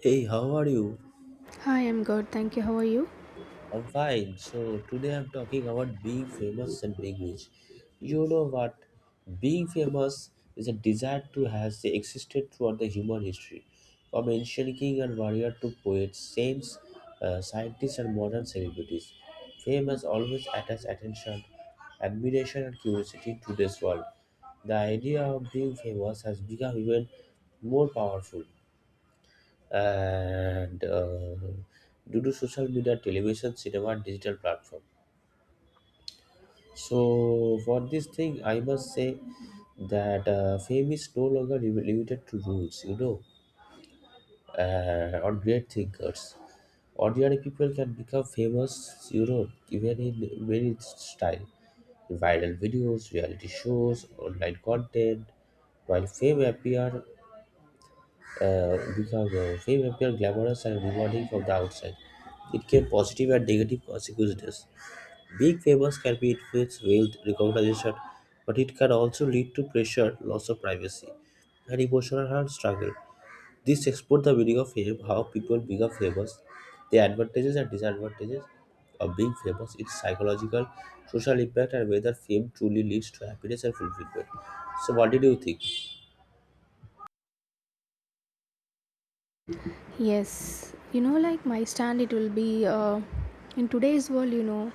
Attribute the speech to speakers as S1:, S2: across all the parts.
S1: Hey, how are you?
S2: Hi, I'm good. Thank you. How are you?
S1: I'm fine. So today I'm talking about being famous and being rich. You know what? Being famous is a desire to has existed throughout the human history, from ancient king and warrior to poets, saints, scientists, and modern celebrities. Fame has always attached attention, admiration, and curiosity to this world. The idea of being famous has become even more powerful and due to social media, television, cinema, and digital platform. So for this thing, I must say that fame is no longer limited to rules, you know, or great thinkers. Ordinary people can become famous, you know, even in many style, viral videos, reality shows, online content. While fame appear because fame appeared glamorous and rewarding from the outside. It can positive and negative consequences. Being famous can be influenced wealth, recognition, but it can also lead to pressure, loss of privacy, and emotional hard struggle. This explores the meaning of fame, how people become famous, the advantages and disadvantages of being famous, its psychological, social impact, and whether fame truly leads to happiness and fulfillment. So, what did you think?
S2: Yes, you know, like my stand, it will be in today's world, you know,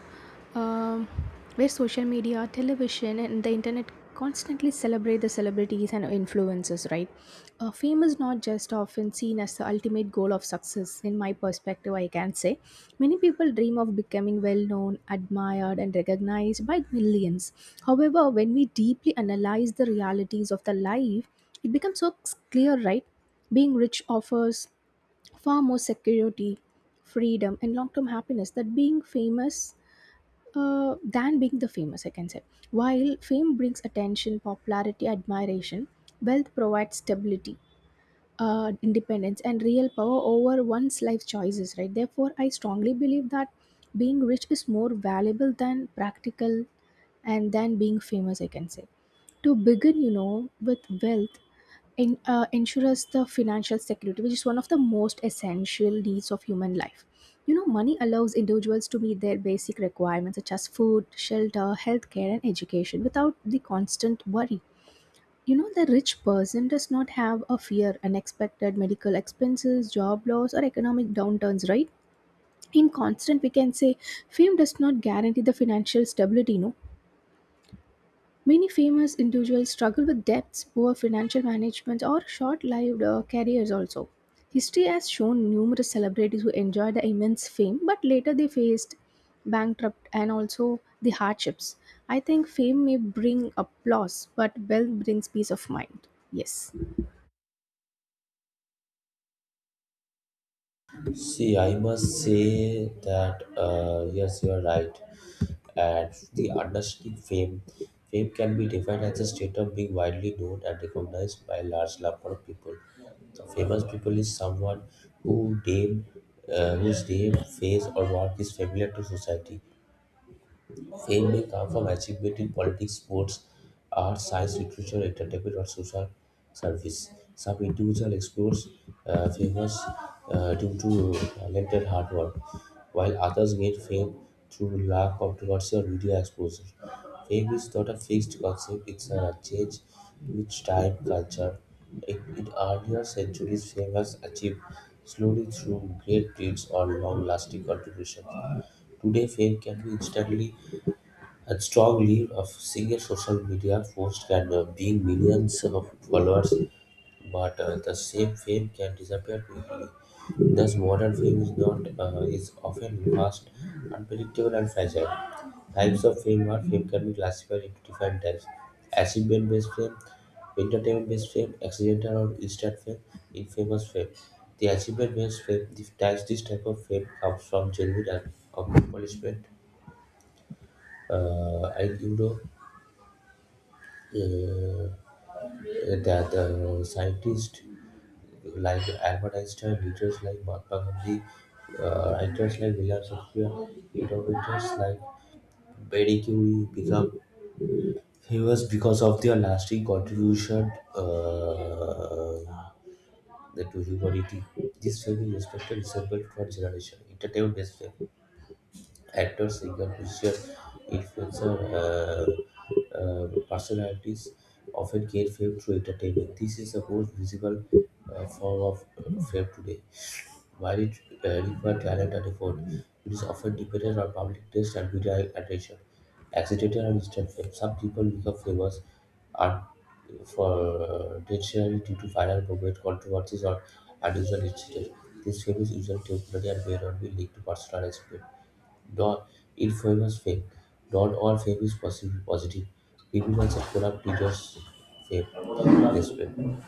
S2: um where social media, television, and the internet constantly celebrate the celebrities and influencers, right? Fame is not just often seen as the ultimate goal of success, in my perspective, I can say. Many people dream of becoming well known, admired, and recognized by millions. However, when we deeply analyze the realities of the life, it becomes so clear, right? Being rich offers far more security, freedom, and long term happiness that being famous. Than being the famous, I can say. While fame brings attention, popularity, admiration, wealth provides stability, independence, and real power over one's life choices, right? Therefore, I strongly believe that being rich is more valuable than practical and than being famous I can say to begin you know with wealth in, ensures the financial security, which is one of the most essential needs of human life. You know, money allows individuals to meet their basic requirements such as food, shelter, healthcare, and education without the constant worry. You know, the rich person does not have a fear, unexpected medical expenses, job loss, or economic downturns, right? In constant, we can say fame does not guarantee the financial stability, no. Many famous individuals struggle with debts, poor financial management, or short lived careers also. History has shown numerous celebrities who enjoyed the immense fame, but later they faced bankrupt and also the hardships. I think fame may bring applause, but wealth brings peace of mind. Yes.
S1: See, I must say that yes, you are right. And the understanding fame, fame can be defined as a state of being widely known and recognized by a large number of people. So famous people is someone who name, whose name, face, or work is familiar to society. Fame may come from achievement in politics, sports, art, science, literature, entertainment, or social service. Some individual explores famous due to talent hard work, while others gain fame through luck, controversy, or media exposure. Fame is not a fixed concept; it's a change which time, culture. In earlier centuries, fame was achieved slowly through great deeds or long-lasting contributions. Today, fame can be instantly and strong lead of single social media post can bring millions of followers, but the same fame can disappear quickly. Thus, modern fame is not is often fast, unpredictable, and fragile. Types of fame or fame can be classified into different types: achievement-based fame, entertainment-based fame, accidental or instant fame, infamous fame. The achievement-based fame, this type of fame comes from genuine accomplishment and you know uh, that scientists like Albert Einstein, leaders like Mahatma Gandhi, writers like William Shakespeare, innovators like Marie Curie become famous because of their lasting contribution to humanity. This fame is respected resembled for generation. Entertainment based actors become crucial influencer personalities, often gain fame through entertainment. This is the most visible form of fame today. While it required talent and effort, it is often dependent on public taste and media attention. Accidental and instant fame. Some people become famous and for potentially due to viral movement, controversies, or unusual incidents. This fame is usually temporary and may not be linked to personal experience. Not infamous fame. Not all fame is possibly positive. Criminals and corrupt leaders fame. Yes, ma'am.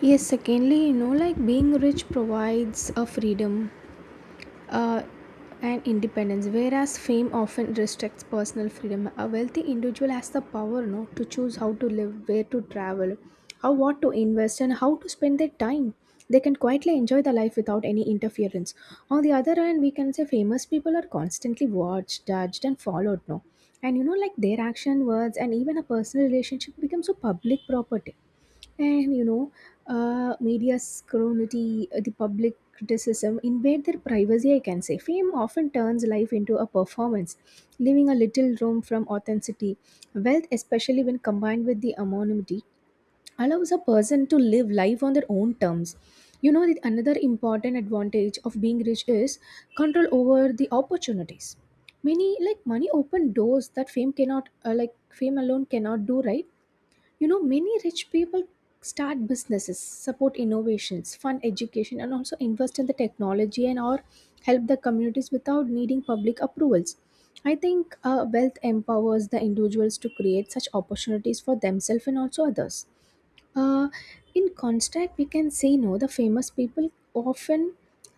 S2: Yes, secondly, you know, like being rich provides a freedom, uh, and independence. Whereas fame often restricts personal freedom, a wealthy individual has the power no, to choose how to live, where to travel, how what to invest, and how to spend their time. They can quietly enjoy the life without any interference. On the other hand, we can say famous people are constantly watched, judged, and followed. No, and you know, like their action, words, and even a personal relationship become so public property and you know, media scrutiny, the public criticism invade their privacy, I can say. Fame often turns life into a performance, leaving a little room from authenticity. Wealth, especially when combined with the anonymity, allows a person to live life on their own terms. You know, that another important advantage of being rich is control over the opportunities. Many like money open doors that fame cannot, like fame alone cannot do, right? You know, many rich people start businesses, support innovations, fund education, and also invest in the technology and or help the communities without needing public approvals. I think wealth empowers the individuals to create such opportunities for themselves and also others. Uh, in contrast, we can say no, the famous people often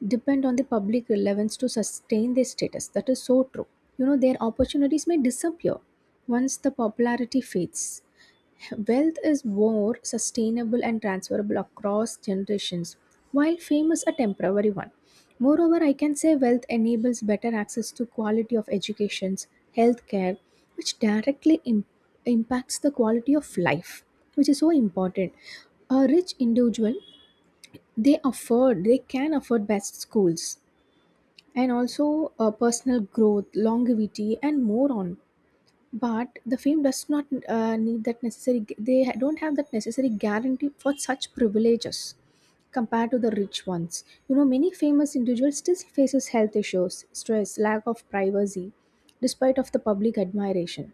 S2: depend on the public relevance to sustain their status. That is so true. You know, their opportunities may disappear once the popularity fades. Wealth is more sustainable and transferable across generations, while fame is a temporary one. Moreover, I can say wealth enables better access to quality of educations, healthcare, which directly impacts the quality of life, which is so important. A rich individual, they afford, they can afford best schools and also personal growth, longevity, and more on. But the fame does not need that necessary. They don't have that necessary guarantee for such privileges compared to the rich ones. You know, many famous individuals still faces health issues, stress, lack of privacy, despite of the public admiration.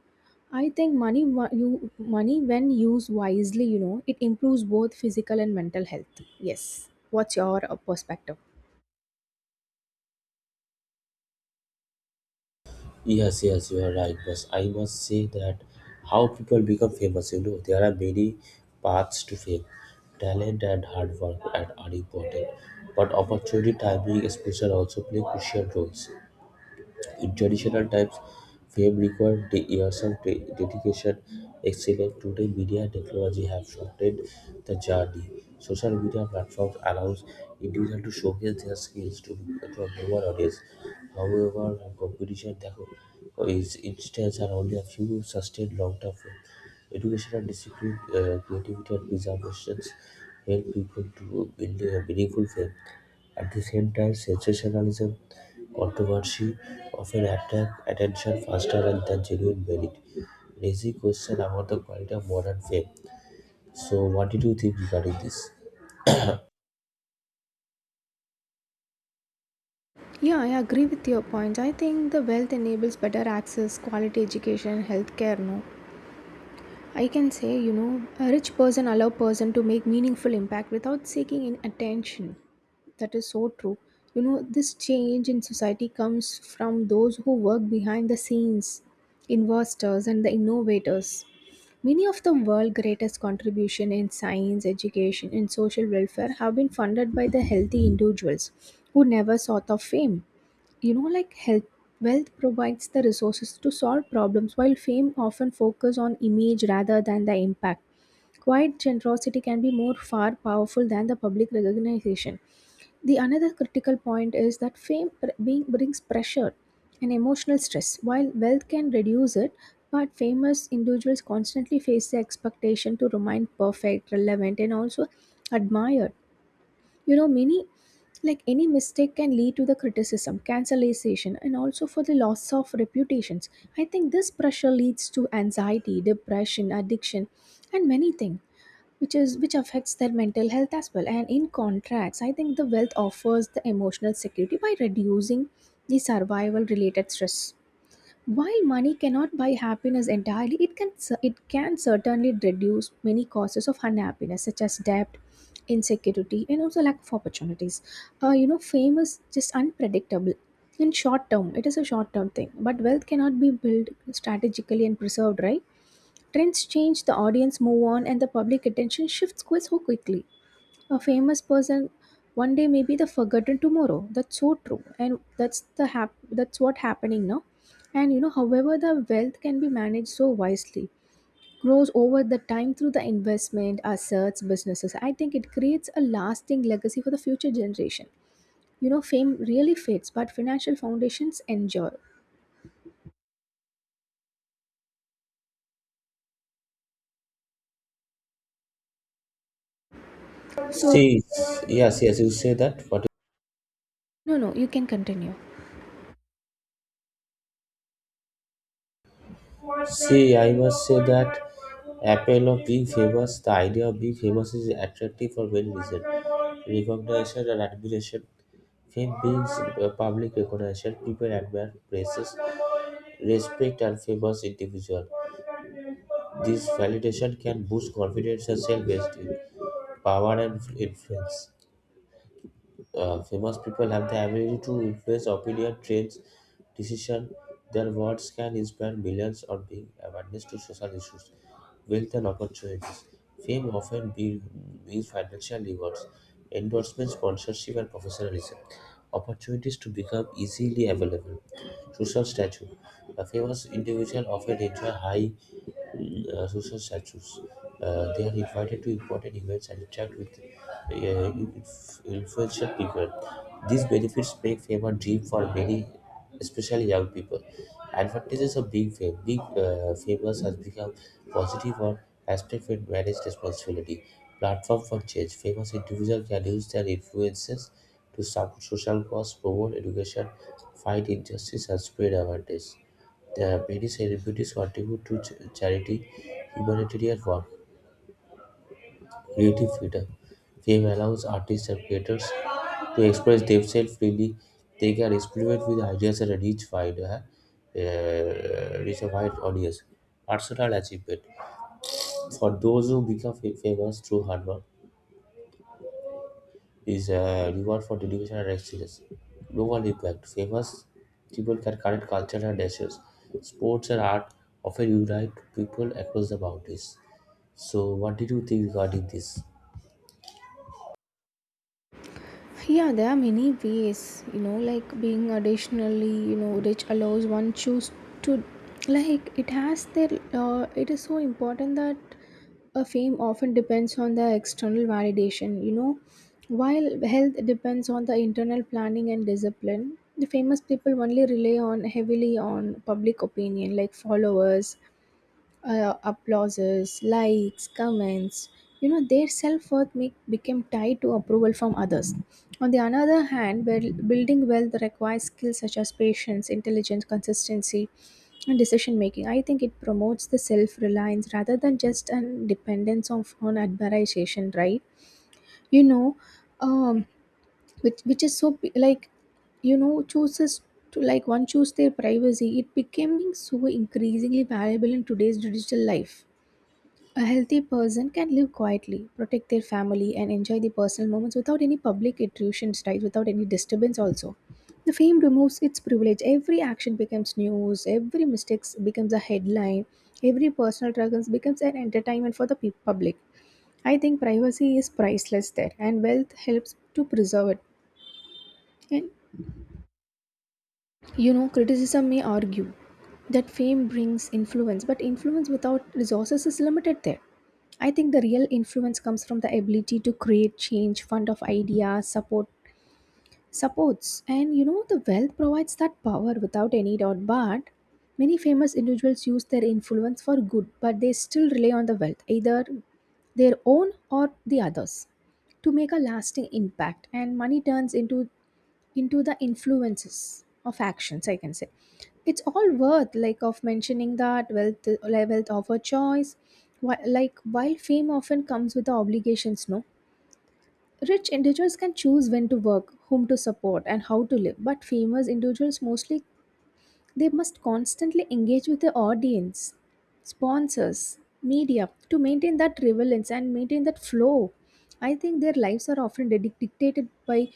S2: I think money, you money when used wisely, you know, it improves both physical and mental health. Yes. What's your perspective?
S1: Yes, yes, you are right. But I must say that how people become famous, you know, there are many paths to fame. Talent and hard work and are important, but opportunity, timing, exposure also play crucial roles traditional times, fame required years of dedication, excellence. Today, media and technology have shortened the journey. Social media platforms allows individuals to showcase their skills to a global audience. However, competition that is instance are only a few sustained long-term fame. Education and discipline, creativity and preservations help people to build a meaningful fame. At the same time, sensationalism, controversy often attract attention faster than genuine merit, raising questions about the quality of modern fame. So, what did you think regarding this?
S2: Yeah, I agree with your point. I think the wealth enables better access, quality education, healthcare, no, I can say, you know, a rich person allow person to make meaningful impact without seeking in attention. That is so true. You know, this change in society comes from those who work behind the scenes, investors and the innovators. Many of the world's greatest contribution in science, education, and social welfare have been funded by the healthy individuals who never sought of fame, you know, like health wealth provides the resources to solve problems while fame often focus on image rather than the impact. Quiet generosity can be more far powerful than the public recognition. The another critical point is that fame pr- being brings pressure and emotional stress while wealth can reduce it, but famous individuals constantly face the expectation to remain perfect relevant and also admired. You know, many like any mistake can lead to the criticism cancellation and also for the loss of reputations. I think this pressure leads to anxiety depression addiction and many things, which is which affects their mental health as well. And in contracts, I think the wealth offers the emotional security by reducing the survival related stress, while money cannot buy happiness entirely, it can it can certainly reduce many causes of unhappiness, such as debt, insecurity, and also lack of opportunities. You know, fame is just unpredictable. In short term, it is a short term thing, but wealth cannot be built strategically and preserved. Right? Trends change, the audience move on, and the public attention shifts quite so quickly. A famous person one day may be the forgotten tomorrow. That's so true, and that's the that's what happening now. And you know, however, the wealth can be managed so wisely, grows over the time through the investment, assets, businesses. I think it creates a lasting legacy for the future generation. You know, fame really fades, but financial foundations endure. So,
S1: See, yes, yes, you say that. What?
S2: no, no, you can continue.
S1: See, I must say that appeal of being famous, the idea of being famous is attractive for many reasons. Recognition and admiration. Fame means public recognition, people admire, praises, respect and famous individual. This validation can boost confidence and self-esteem, power and influence. Famous people have the ability to influence opinion, trends, decision. Their words can inspire millions or bring awareness to social issues, wealth and opportunities. Fame often means financial rewards, endorsements, sponsorship, and professionalism. Opportunities to become easily available. Social stature. A famous individual often enjoy high social statues. They are invited to important events and interact with influential people. These benefits make fame a dream for many, especially young people. Advantages of being fame. Being famous has become positive or aspect when managed responsibility. Platform for change. Famous individuals can use their influences to support social cause, promote education, fight injustice, and spread awareness. There are many celebrities who contribute to charity, humanitarian work, creative freedom. Fame allows artists and creators to express themselves freely. They can experiment with ideas and reach a wide audience. Personal achievement for those who become famous through hard work is a reward for dedication and excellence. Global impact. Famous people can connect culture and nations. Sports and art often unite people across the boundaries. So, what did you think regarding this?
S2: Yeah, there are many ways, you know, like being additionally, you know, rich allows one choose to, like, it has their, it is so important that a fame often depends on the external validation, you know, while health depends on the internal planning and discipline. The famous people only rely on heavily on public opinion, like followers, applauses, likes, comments. You know, their self worth make, became tied to approval from others. On the another hand, building wealth requires skills such as patience, intelligence, consistency, and decision making. I think it promotes the self reliance rather than just an dependence on admiration, right? You know, um, which is so like, you know, chooses to like one choose their privacy. It becoming so increasingly valuable in today's digital life. A healthy person can live quietly, protect their family, and enjoy the personal moments without any public intrusions, right? Without any disturbance, also. The fame removes its privilege. Every action becomes news, every mistake becomes a headline, every personal struggles becomes an entertainment for the public. I think privacy is priceless there, and wealth helps to preserve it. And you know, criticism may argue that fame brings influence, but influence without resources is limited there. I think the real influence comes from the ability to create change, fund of ideas, support supports. And you know, the wealth provides that power without any doubt. But many famous individuals use their influence for good, but they still rely on the wealth, either their own or the others, to make a lasting impact. And money turns into the influences of actions I can say. It's all worth like of mentioning that wealth like, wealth of a choice. Like while fame often comes with the obligations no, rich individuals can choose when to work, whom to support, and how to live, but famous individuals mostly they must constantly engage with the audience, sponsors, media to maintain that relevance and maintain that flow. I think their lives are often dictated by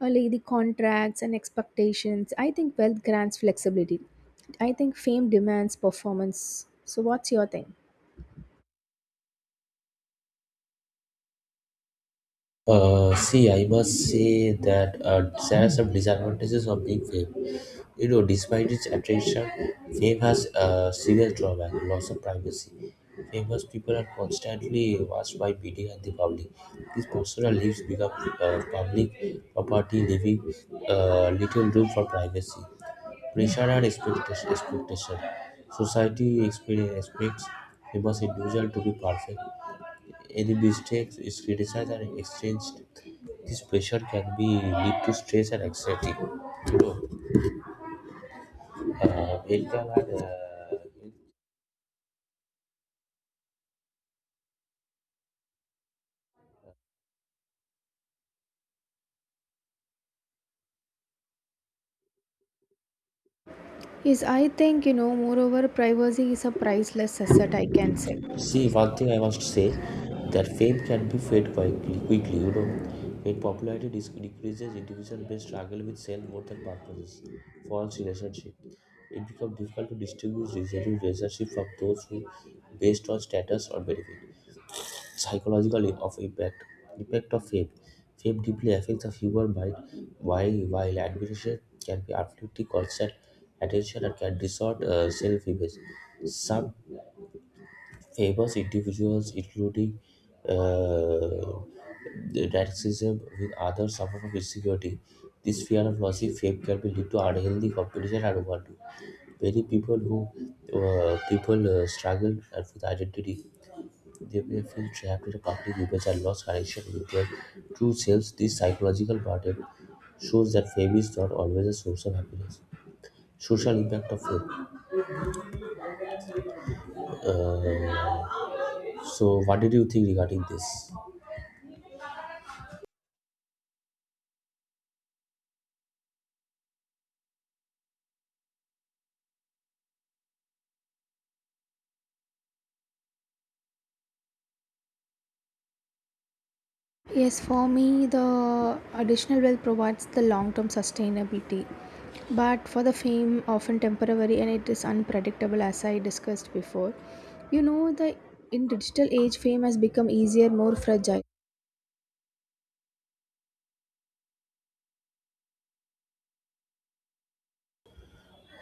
S2: like, the contracts and expectations. I think wealth grants flexibility. I think fame demands performance. So, what's your thing?
S1: See, I must say that there are some disadvantages of being fame. You know, despite its attraction, fame has a serious drawback: loss of privacy. Famous people are constantly watched by media and the public. These personal lives become public property, leaving little room for privacy. Pressure and expectation. Society experience expects famous individual to be perfect any mistakes is criticized and exchanged. This pressure can be lead to stress and anxiety. You know, uh, mental and, uh,
S2: Yes, I think, you know, moreover, privacy is a priceless asset, I can say.
S1: see one thing I must say that fame can be fade quickly, you know, when popularity decreases, individuals may struggle with self-worth and purposes. False relationship. It becomes difficult to distinguish genuine relationship from those who based on status or benefit. Psychological of impact impact of fame fame deeply affects the human mind while admiration can be absolutely constant attention and can distort self-image. Some famous individuals including the narcissism with others suffer from insecurity. This fear of losing fame can be lead to unhealthy competition and overdo. Many people who people struggle with identity. They were feel trapped in a public image and lost connection with their true selves. This psychological burden shows that fame is not always a source of happiness. Social impact of fame. Uh, so, what did you think regarding this?
S2: Yes, for me, the additional wealth provides the long term sustainability. But for the fame, often temporary and it is unpredictable, as I discussed before. You know, the in digital age, fame has become easier, more fragile.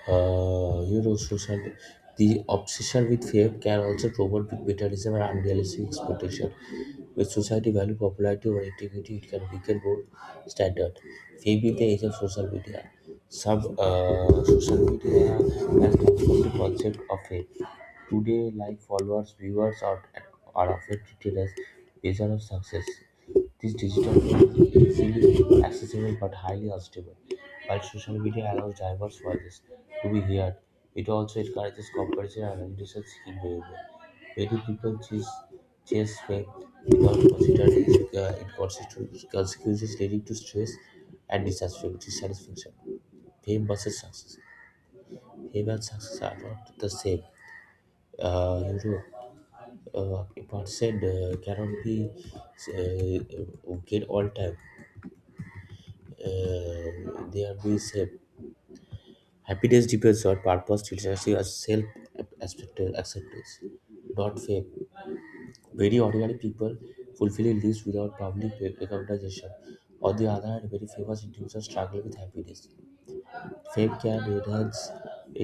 S1: Eurosocial, the obsession with fame can also promote bitterness and unrealistic expectation. When society value popularity over integrity, it can weaken both standard. Fame in the age of social media. Some Social media has transformed the concept of fame. Today, like followers, viewers, are often treated as measure of success. This digital format is easily accessible but highly unstable. While social media allows diverse voices to be heard, it also encourages comparison and decision-seeking behavior. Many people chase fame without considering its inconsistent consequences, leading to stress and dissatisfaction. Fame versus success. Fame and success are not the same. Uh, you know, a person cannot be good all time. There we say happiness depends on purpose literacy as self accepted acceptance not fame very ordinary people fulfilling lives without public recognition. On the other hand, very famous individuals struggle with happiness. Fame can enhance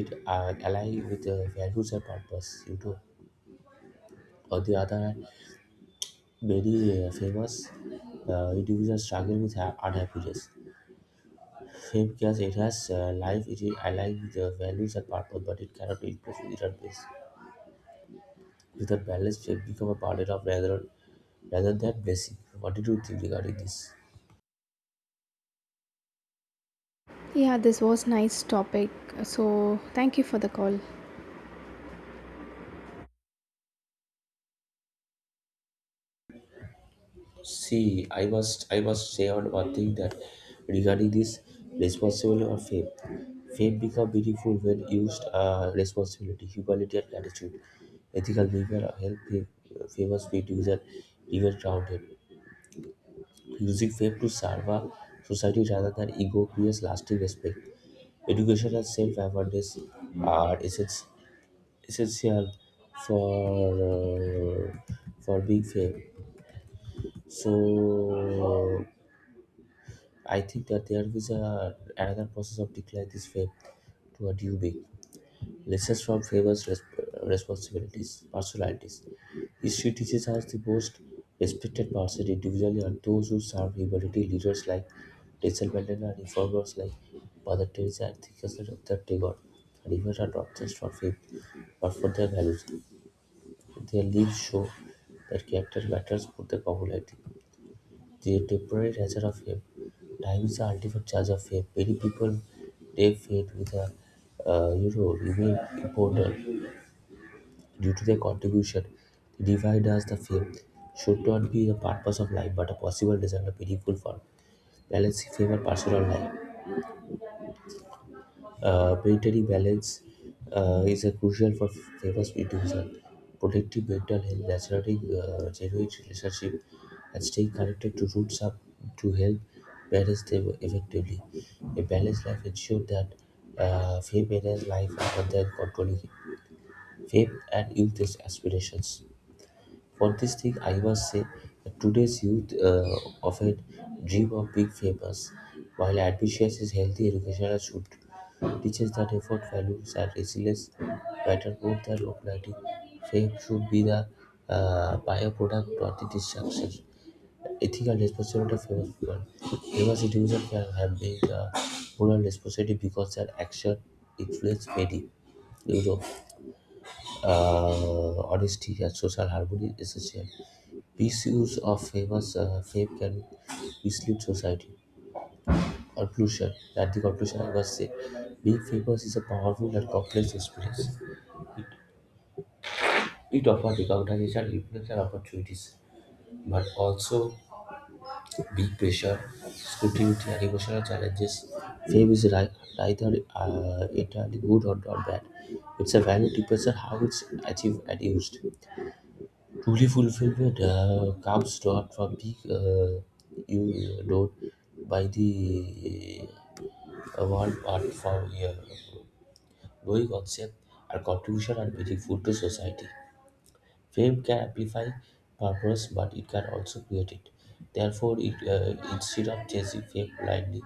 S1: it align with values and purpose, you know. On the other hand, many famous individuals struggle with unhappiness. Fame yes, it has life, it is alive with the values and purpose, but it cannot replace without base. Without balance, fame become a burden of rather than blessing. What did you think regarding this?
S2: Yeah, this was nice topic. So thank you for the call.
S1: See, I must say on one thing that regarding this responsibility or fame, fame become meaningful when used responsibility, humility, and gratitude. Ethical behavior help fame, famous individual even grounded. Music failed to salva society rather than ego creates lasting respect. Education and self-awareness are essen- essential for uh, for being fair. So I think that there is a, another process of decline this faith to a due way. Lessons from favors responsibilities, personalities. History teaches us the most respected persons individually are those who serve humanity, leaders like Nelson Mandela, reformers like Mother Teresa, and thinkers like Dr. Tagore. And even are not just for fame, but for their values. Their lives show that character matters more than popularity. The temporary nature of fame. Time is the ultimate charge of fame. Many people name fame with a remain important. Due to their contribution, they divide as the fame should not be the purpose of life but a possible result of meaningful form. Balancing fame and personal life. Maintaining balance is a crucial for famous individuals. Protecting mental health, nurturing genuine relationship, and staying connected to roots up to help balance them effectively. A balanced life ensures that fame enters life rather than controlling it. Fame and youth aspirations. For this thing, I must say that today's youth often dream of being famous, while ambitious is healthy education should teaches that effort, values, and resilience matter more than popularity. Fame should be the byproduct, not the distraction. Ethical responsibility of famous people. Famous individuals can have been moral responsibility because their action influence many. You know, honesty and social harmony is essential. Pieces of famous fame can mislead society. Conclusion. At the conclusion, I must say, being famous is a powerful and complex experience. It offers recognition, influence, and opportunities, but also big pressure, scrutiny, and emotional challenges. Fame is ri- Neither entirely good or not bad. It's a value depends on how it's achieved and used. Truly fulfillment comes not from being you known by the award but from your knowing concept and contribution are meaningful to society. Fame can amplify purpose, but it can also create it. Therefore, it, instead of chasing fame blindly,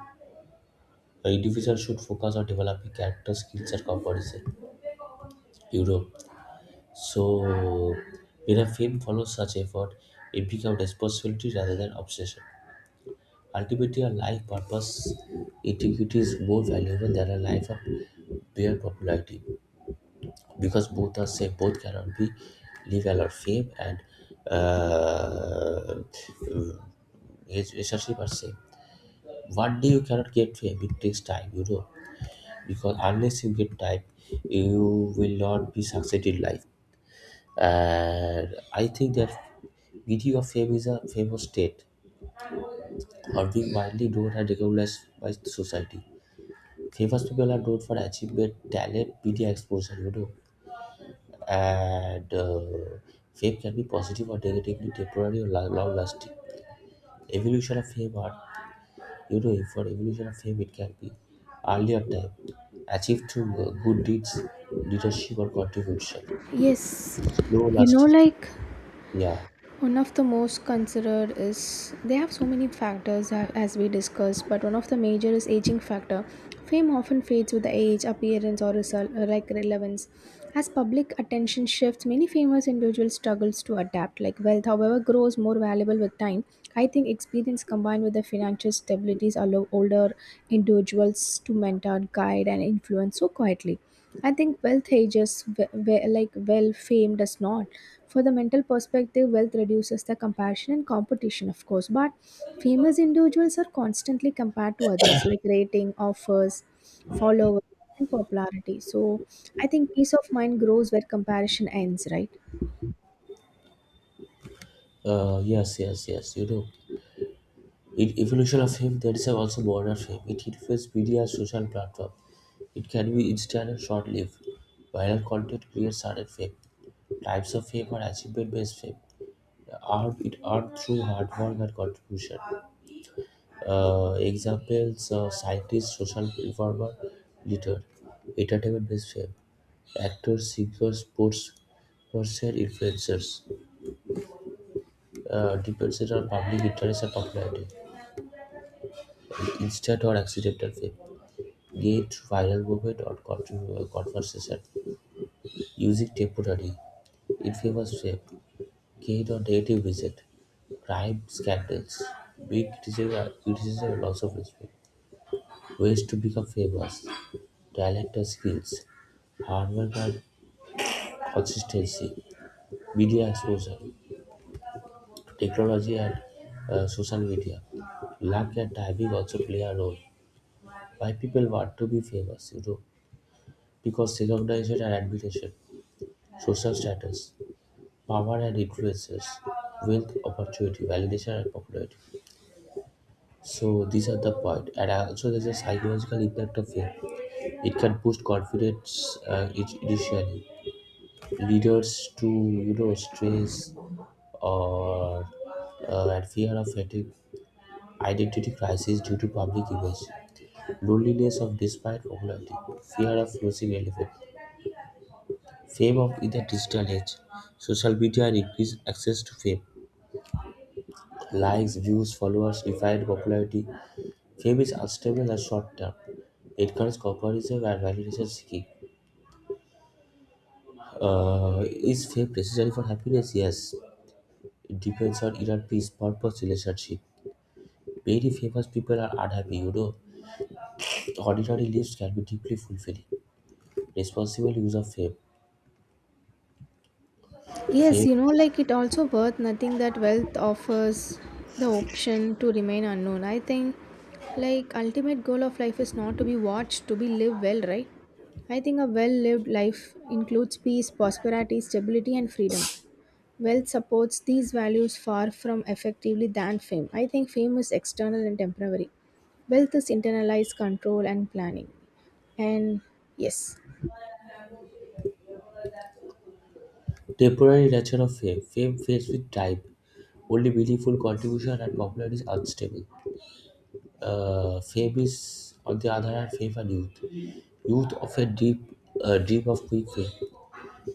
S1: an individual should focus on developing character skills and composition. You know, so when a fame follows such effort, it becomes responsibility rather than obsession. Ultimately, a life purpose integrity is more valuable than a life of mere popularity because both are same, both cannot be live a lot of fame and uh, it's essentially the same. One day you cannot get fame, it takes time, you know, because unless you get time, you will not be succeed in life. And I think that video of fame is a famous state or being widely known and recognized by society. Three first people are told for achievement, talent, media exposure, you know, and fame can be positive or negatively temporary or long lasting. Evolution of fame art, you know, for evolution of fame, it can be earlier time achieved through good deeds, leadership, or contribution.
S2: Yes,
S1: Slow
S2: you know,
S1: lasting,
S2: like
S1: yeah,
S2: one of the most considered is they have so many factors as we discussed, but one of the major is aging factor. Fame often fades with the age, appearance, or result, like relevance. As public attention shifts, many famous individuals struggles to adapt. Like wealth, however, grows more valuable with time. I think experience combined with the financial stabilities allow older individuals to mentor, guide, and influence so quietly. I think wealth ages like well fame does not. For the mental perspective, wealth reduces the compassion and competition, of course. But famous individuals are constantly compared to others, like rating, offers, followers, and popularity. So I think peace of mind grows where comparison ends, right?
S1: yes, yes, yes, you know. In evolution of fame, there is also modern fame. It influences media, social platform. It can be instant and short-lived. Viral content creates sudden fame. Types of fame are achievement-based fame. Earned, it earned through hard work and contribution. Examples: scientists, social reformer, leader. Entertainment-based fame. Actors, singers, sports person, influencers. Depends on public interest and popularity. Instant or accidental fame. Gained through viral movement or conversation. Using temporary. Infamous fame. Kate on native visit, bribe scandals, big criticism, criticism and loss of respect, ways to become famous, talent and skills, hard work and consistency, media exposure, technology and social media. Luck and timing also play a role. Why people want to be famous, you know, because recognition and admiration, social status, power and influences, wealth, opportunity, validation and popularity. So these are the point, and also there's a psychological impact of fear. It can boost confidence, initially, leaders to you know stress or and fear of fatigue, identity crisis due to public image, loneliness of despite popularity, fear of losing relevance, fame of in the digital age, social media and increased access to fame, likes, views, followers, defined popularity. Fame is unstable and short-term. It currents comparison and validation seeking. Is fame necessary for happiness? Yes. It depends on inner peace, purpose, relationship. Very famous people are unhappy, you know. Ordinary lives can be deeply fulfilling. Responsible use of fame.
S2: Yes,
S1: Fame.
S2: you know, like it also worth nothing that wealth offers the option to remain unknown. I think like ultimate goal of life is not to be watched, to be lived well, right? I think a well lived life includes peace, prosperity, stability and freedom. Wealth supports these values far from effectively than fame. I think fame is external and temporary. Wealth is internalized control and planning. And yes,
S1: Temporary nature of fame. Fame fades with time. Only meaningful contribution and popularity is unstable. Fame is, on the other hand, fame and youth. Youth often deep, dream of quick fame.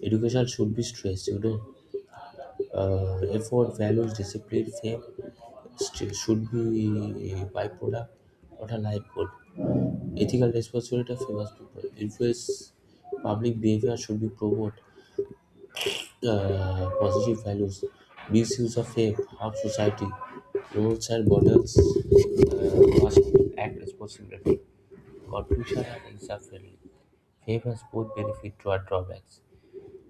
S1: Education should be stressed, you know. Effort, values, discipline, fame should be a byproduct, not a life goal. Ethical responsibility of famous people. Influence public behavior should be promoted. Positive values. Misuse of fame harm society. Rules and models must act responsibly. Confusion and insufficiency. Fame has both benefit to our drawbacks.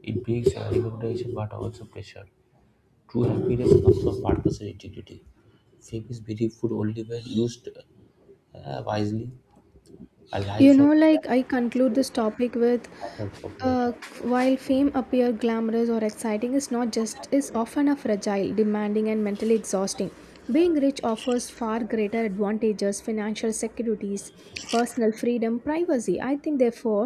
S1: It brings recognition but also pressure. True happiness comes from partnership integrity. Fame is meaningful only when used wisely. A
S2: you
S1: life
S2: know,
S1: of
S2: like I
S1: value is
S2: conclude
S1: better
S2: this
S1: than
S2: topic
S1: a
S2: with
S1: life of popularity.
S2: Uh, while fame appear glamorous or exciting, it's not just is often a fragile, demanding, and mentally exhausting. Being rich offers far greater advantages, financial securities, personal freedom, privacy. I think therefore,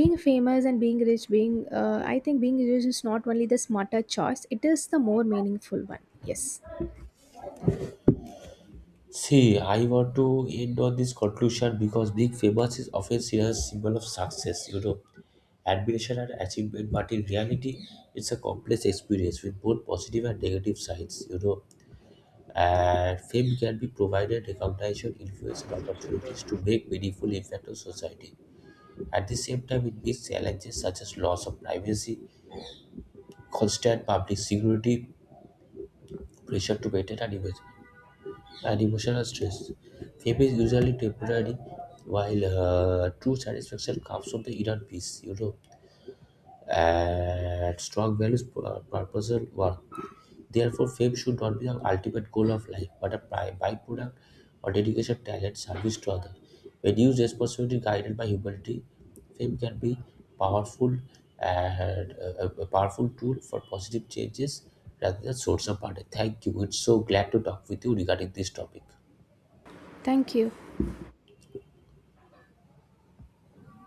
S2: being famous and being rich, being I think being rich is not only the smarter choice; it is the more meaningful one. Yes.
S1: See, I want to end on this conclusion because being famous is often seen as a symbol of success, you know, admiration and achievement, but in reality, it's a complex experience with both positive and negative sides, you know. And fame can be provided recognition, influence, and opportunities to make meaningful impact on society. At the same time, it means challenges such as loss of privacy, constant public security, pressure to maintain an image, and emotional stress. Fame is usually temporary, while true satisfaction comes from the inner peace, you know, and strong values, purpose, and work. Therefore, fame should not be the ultimate goal of life, but a byproduct or dedication, talent, service to others. When used responsibly, guided by humility, fame can be powerful and a powerful tool for positive changes rather than source of burden. Thank you. It's so glad to talk with you regarding this topic.
S2: Thank you.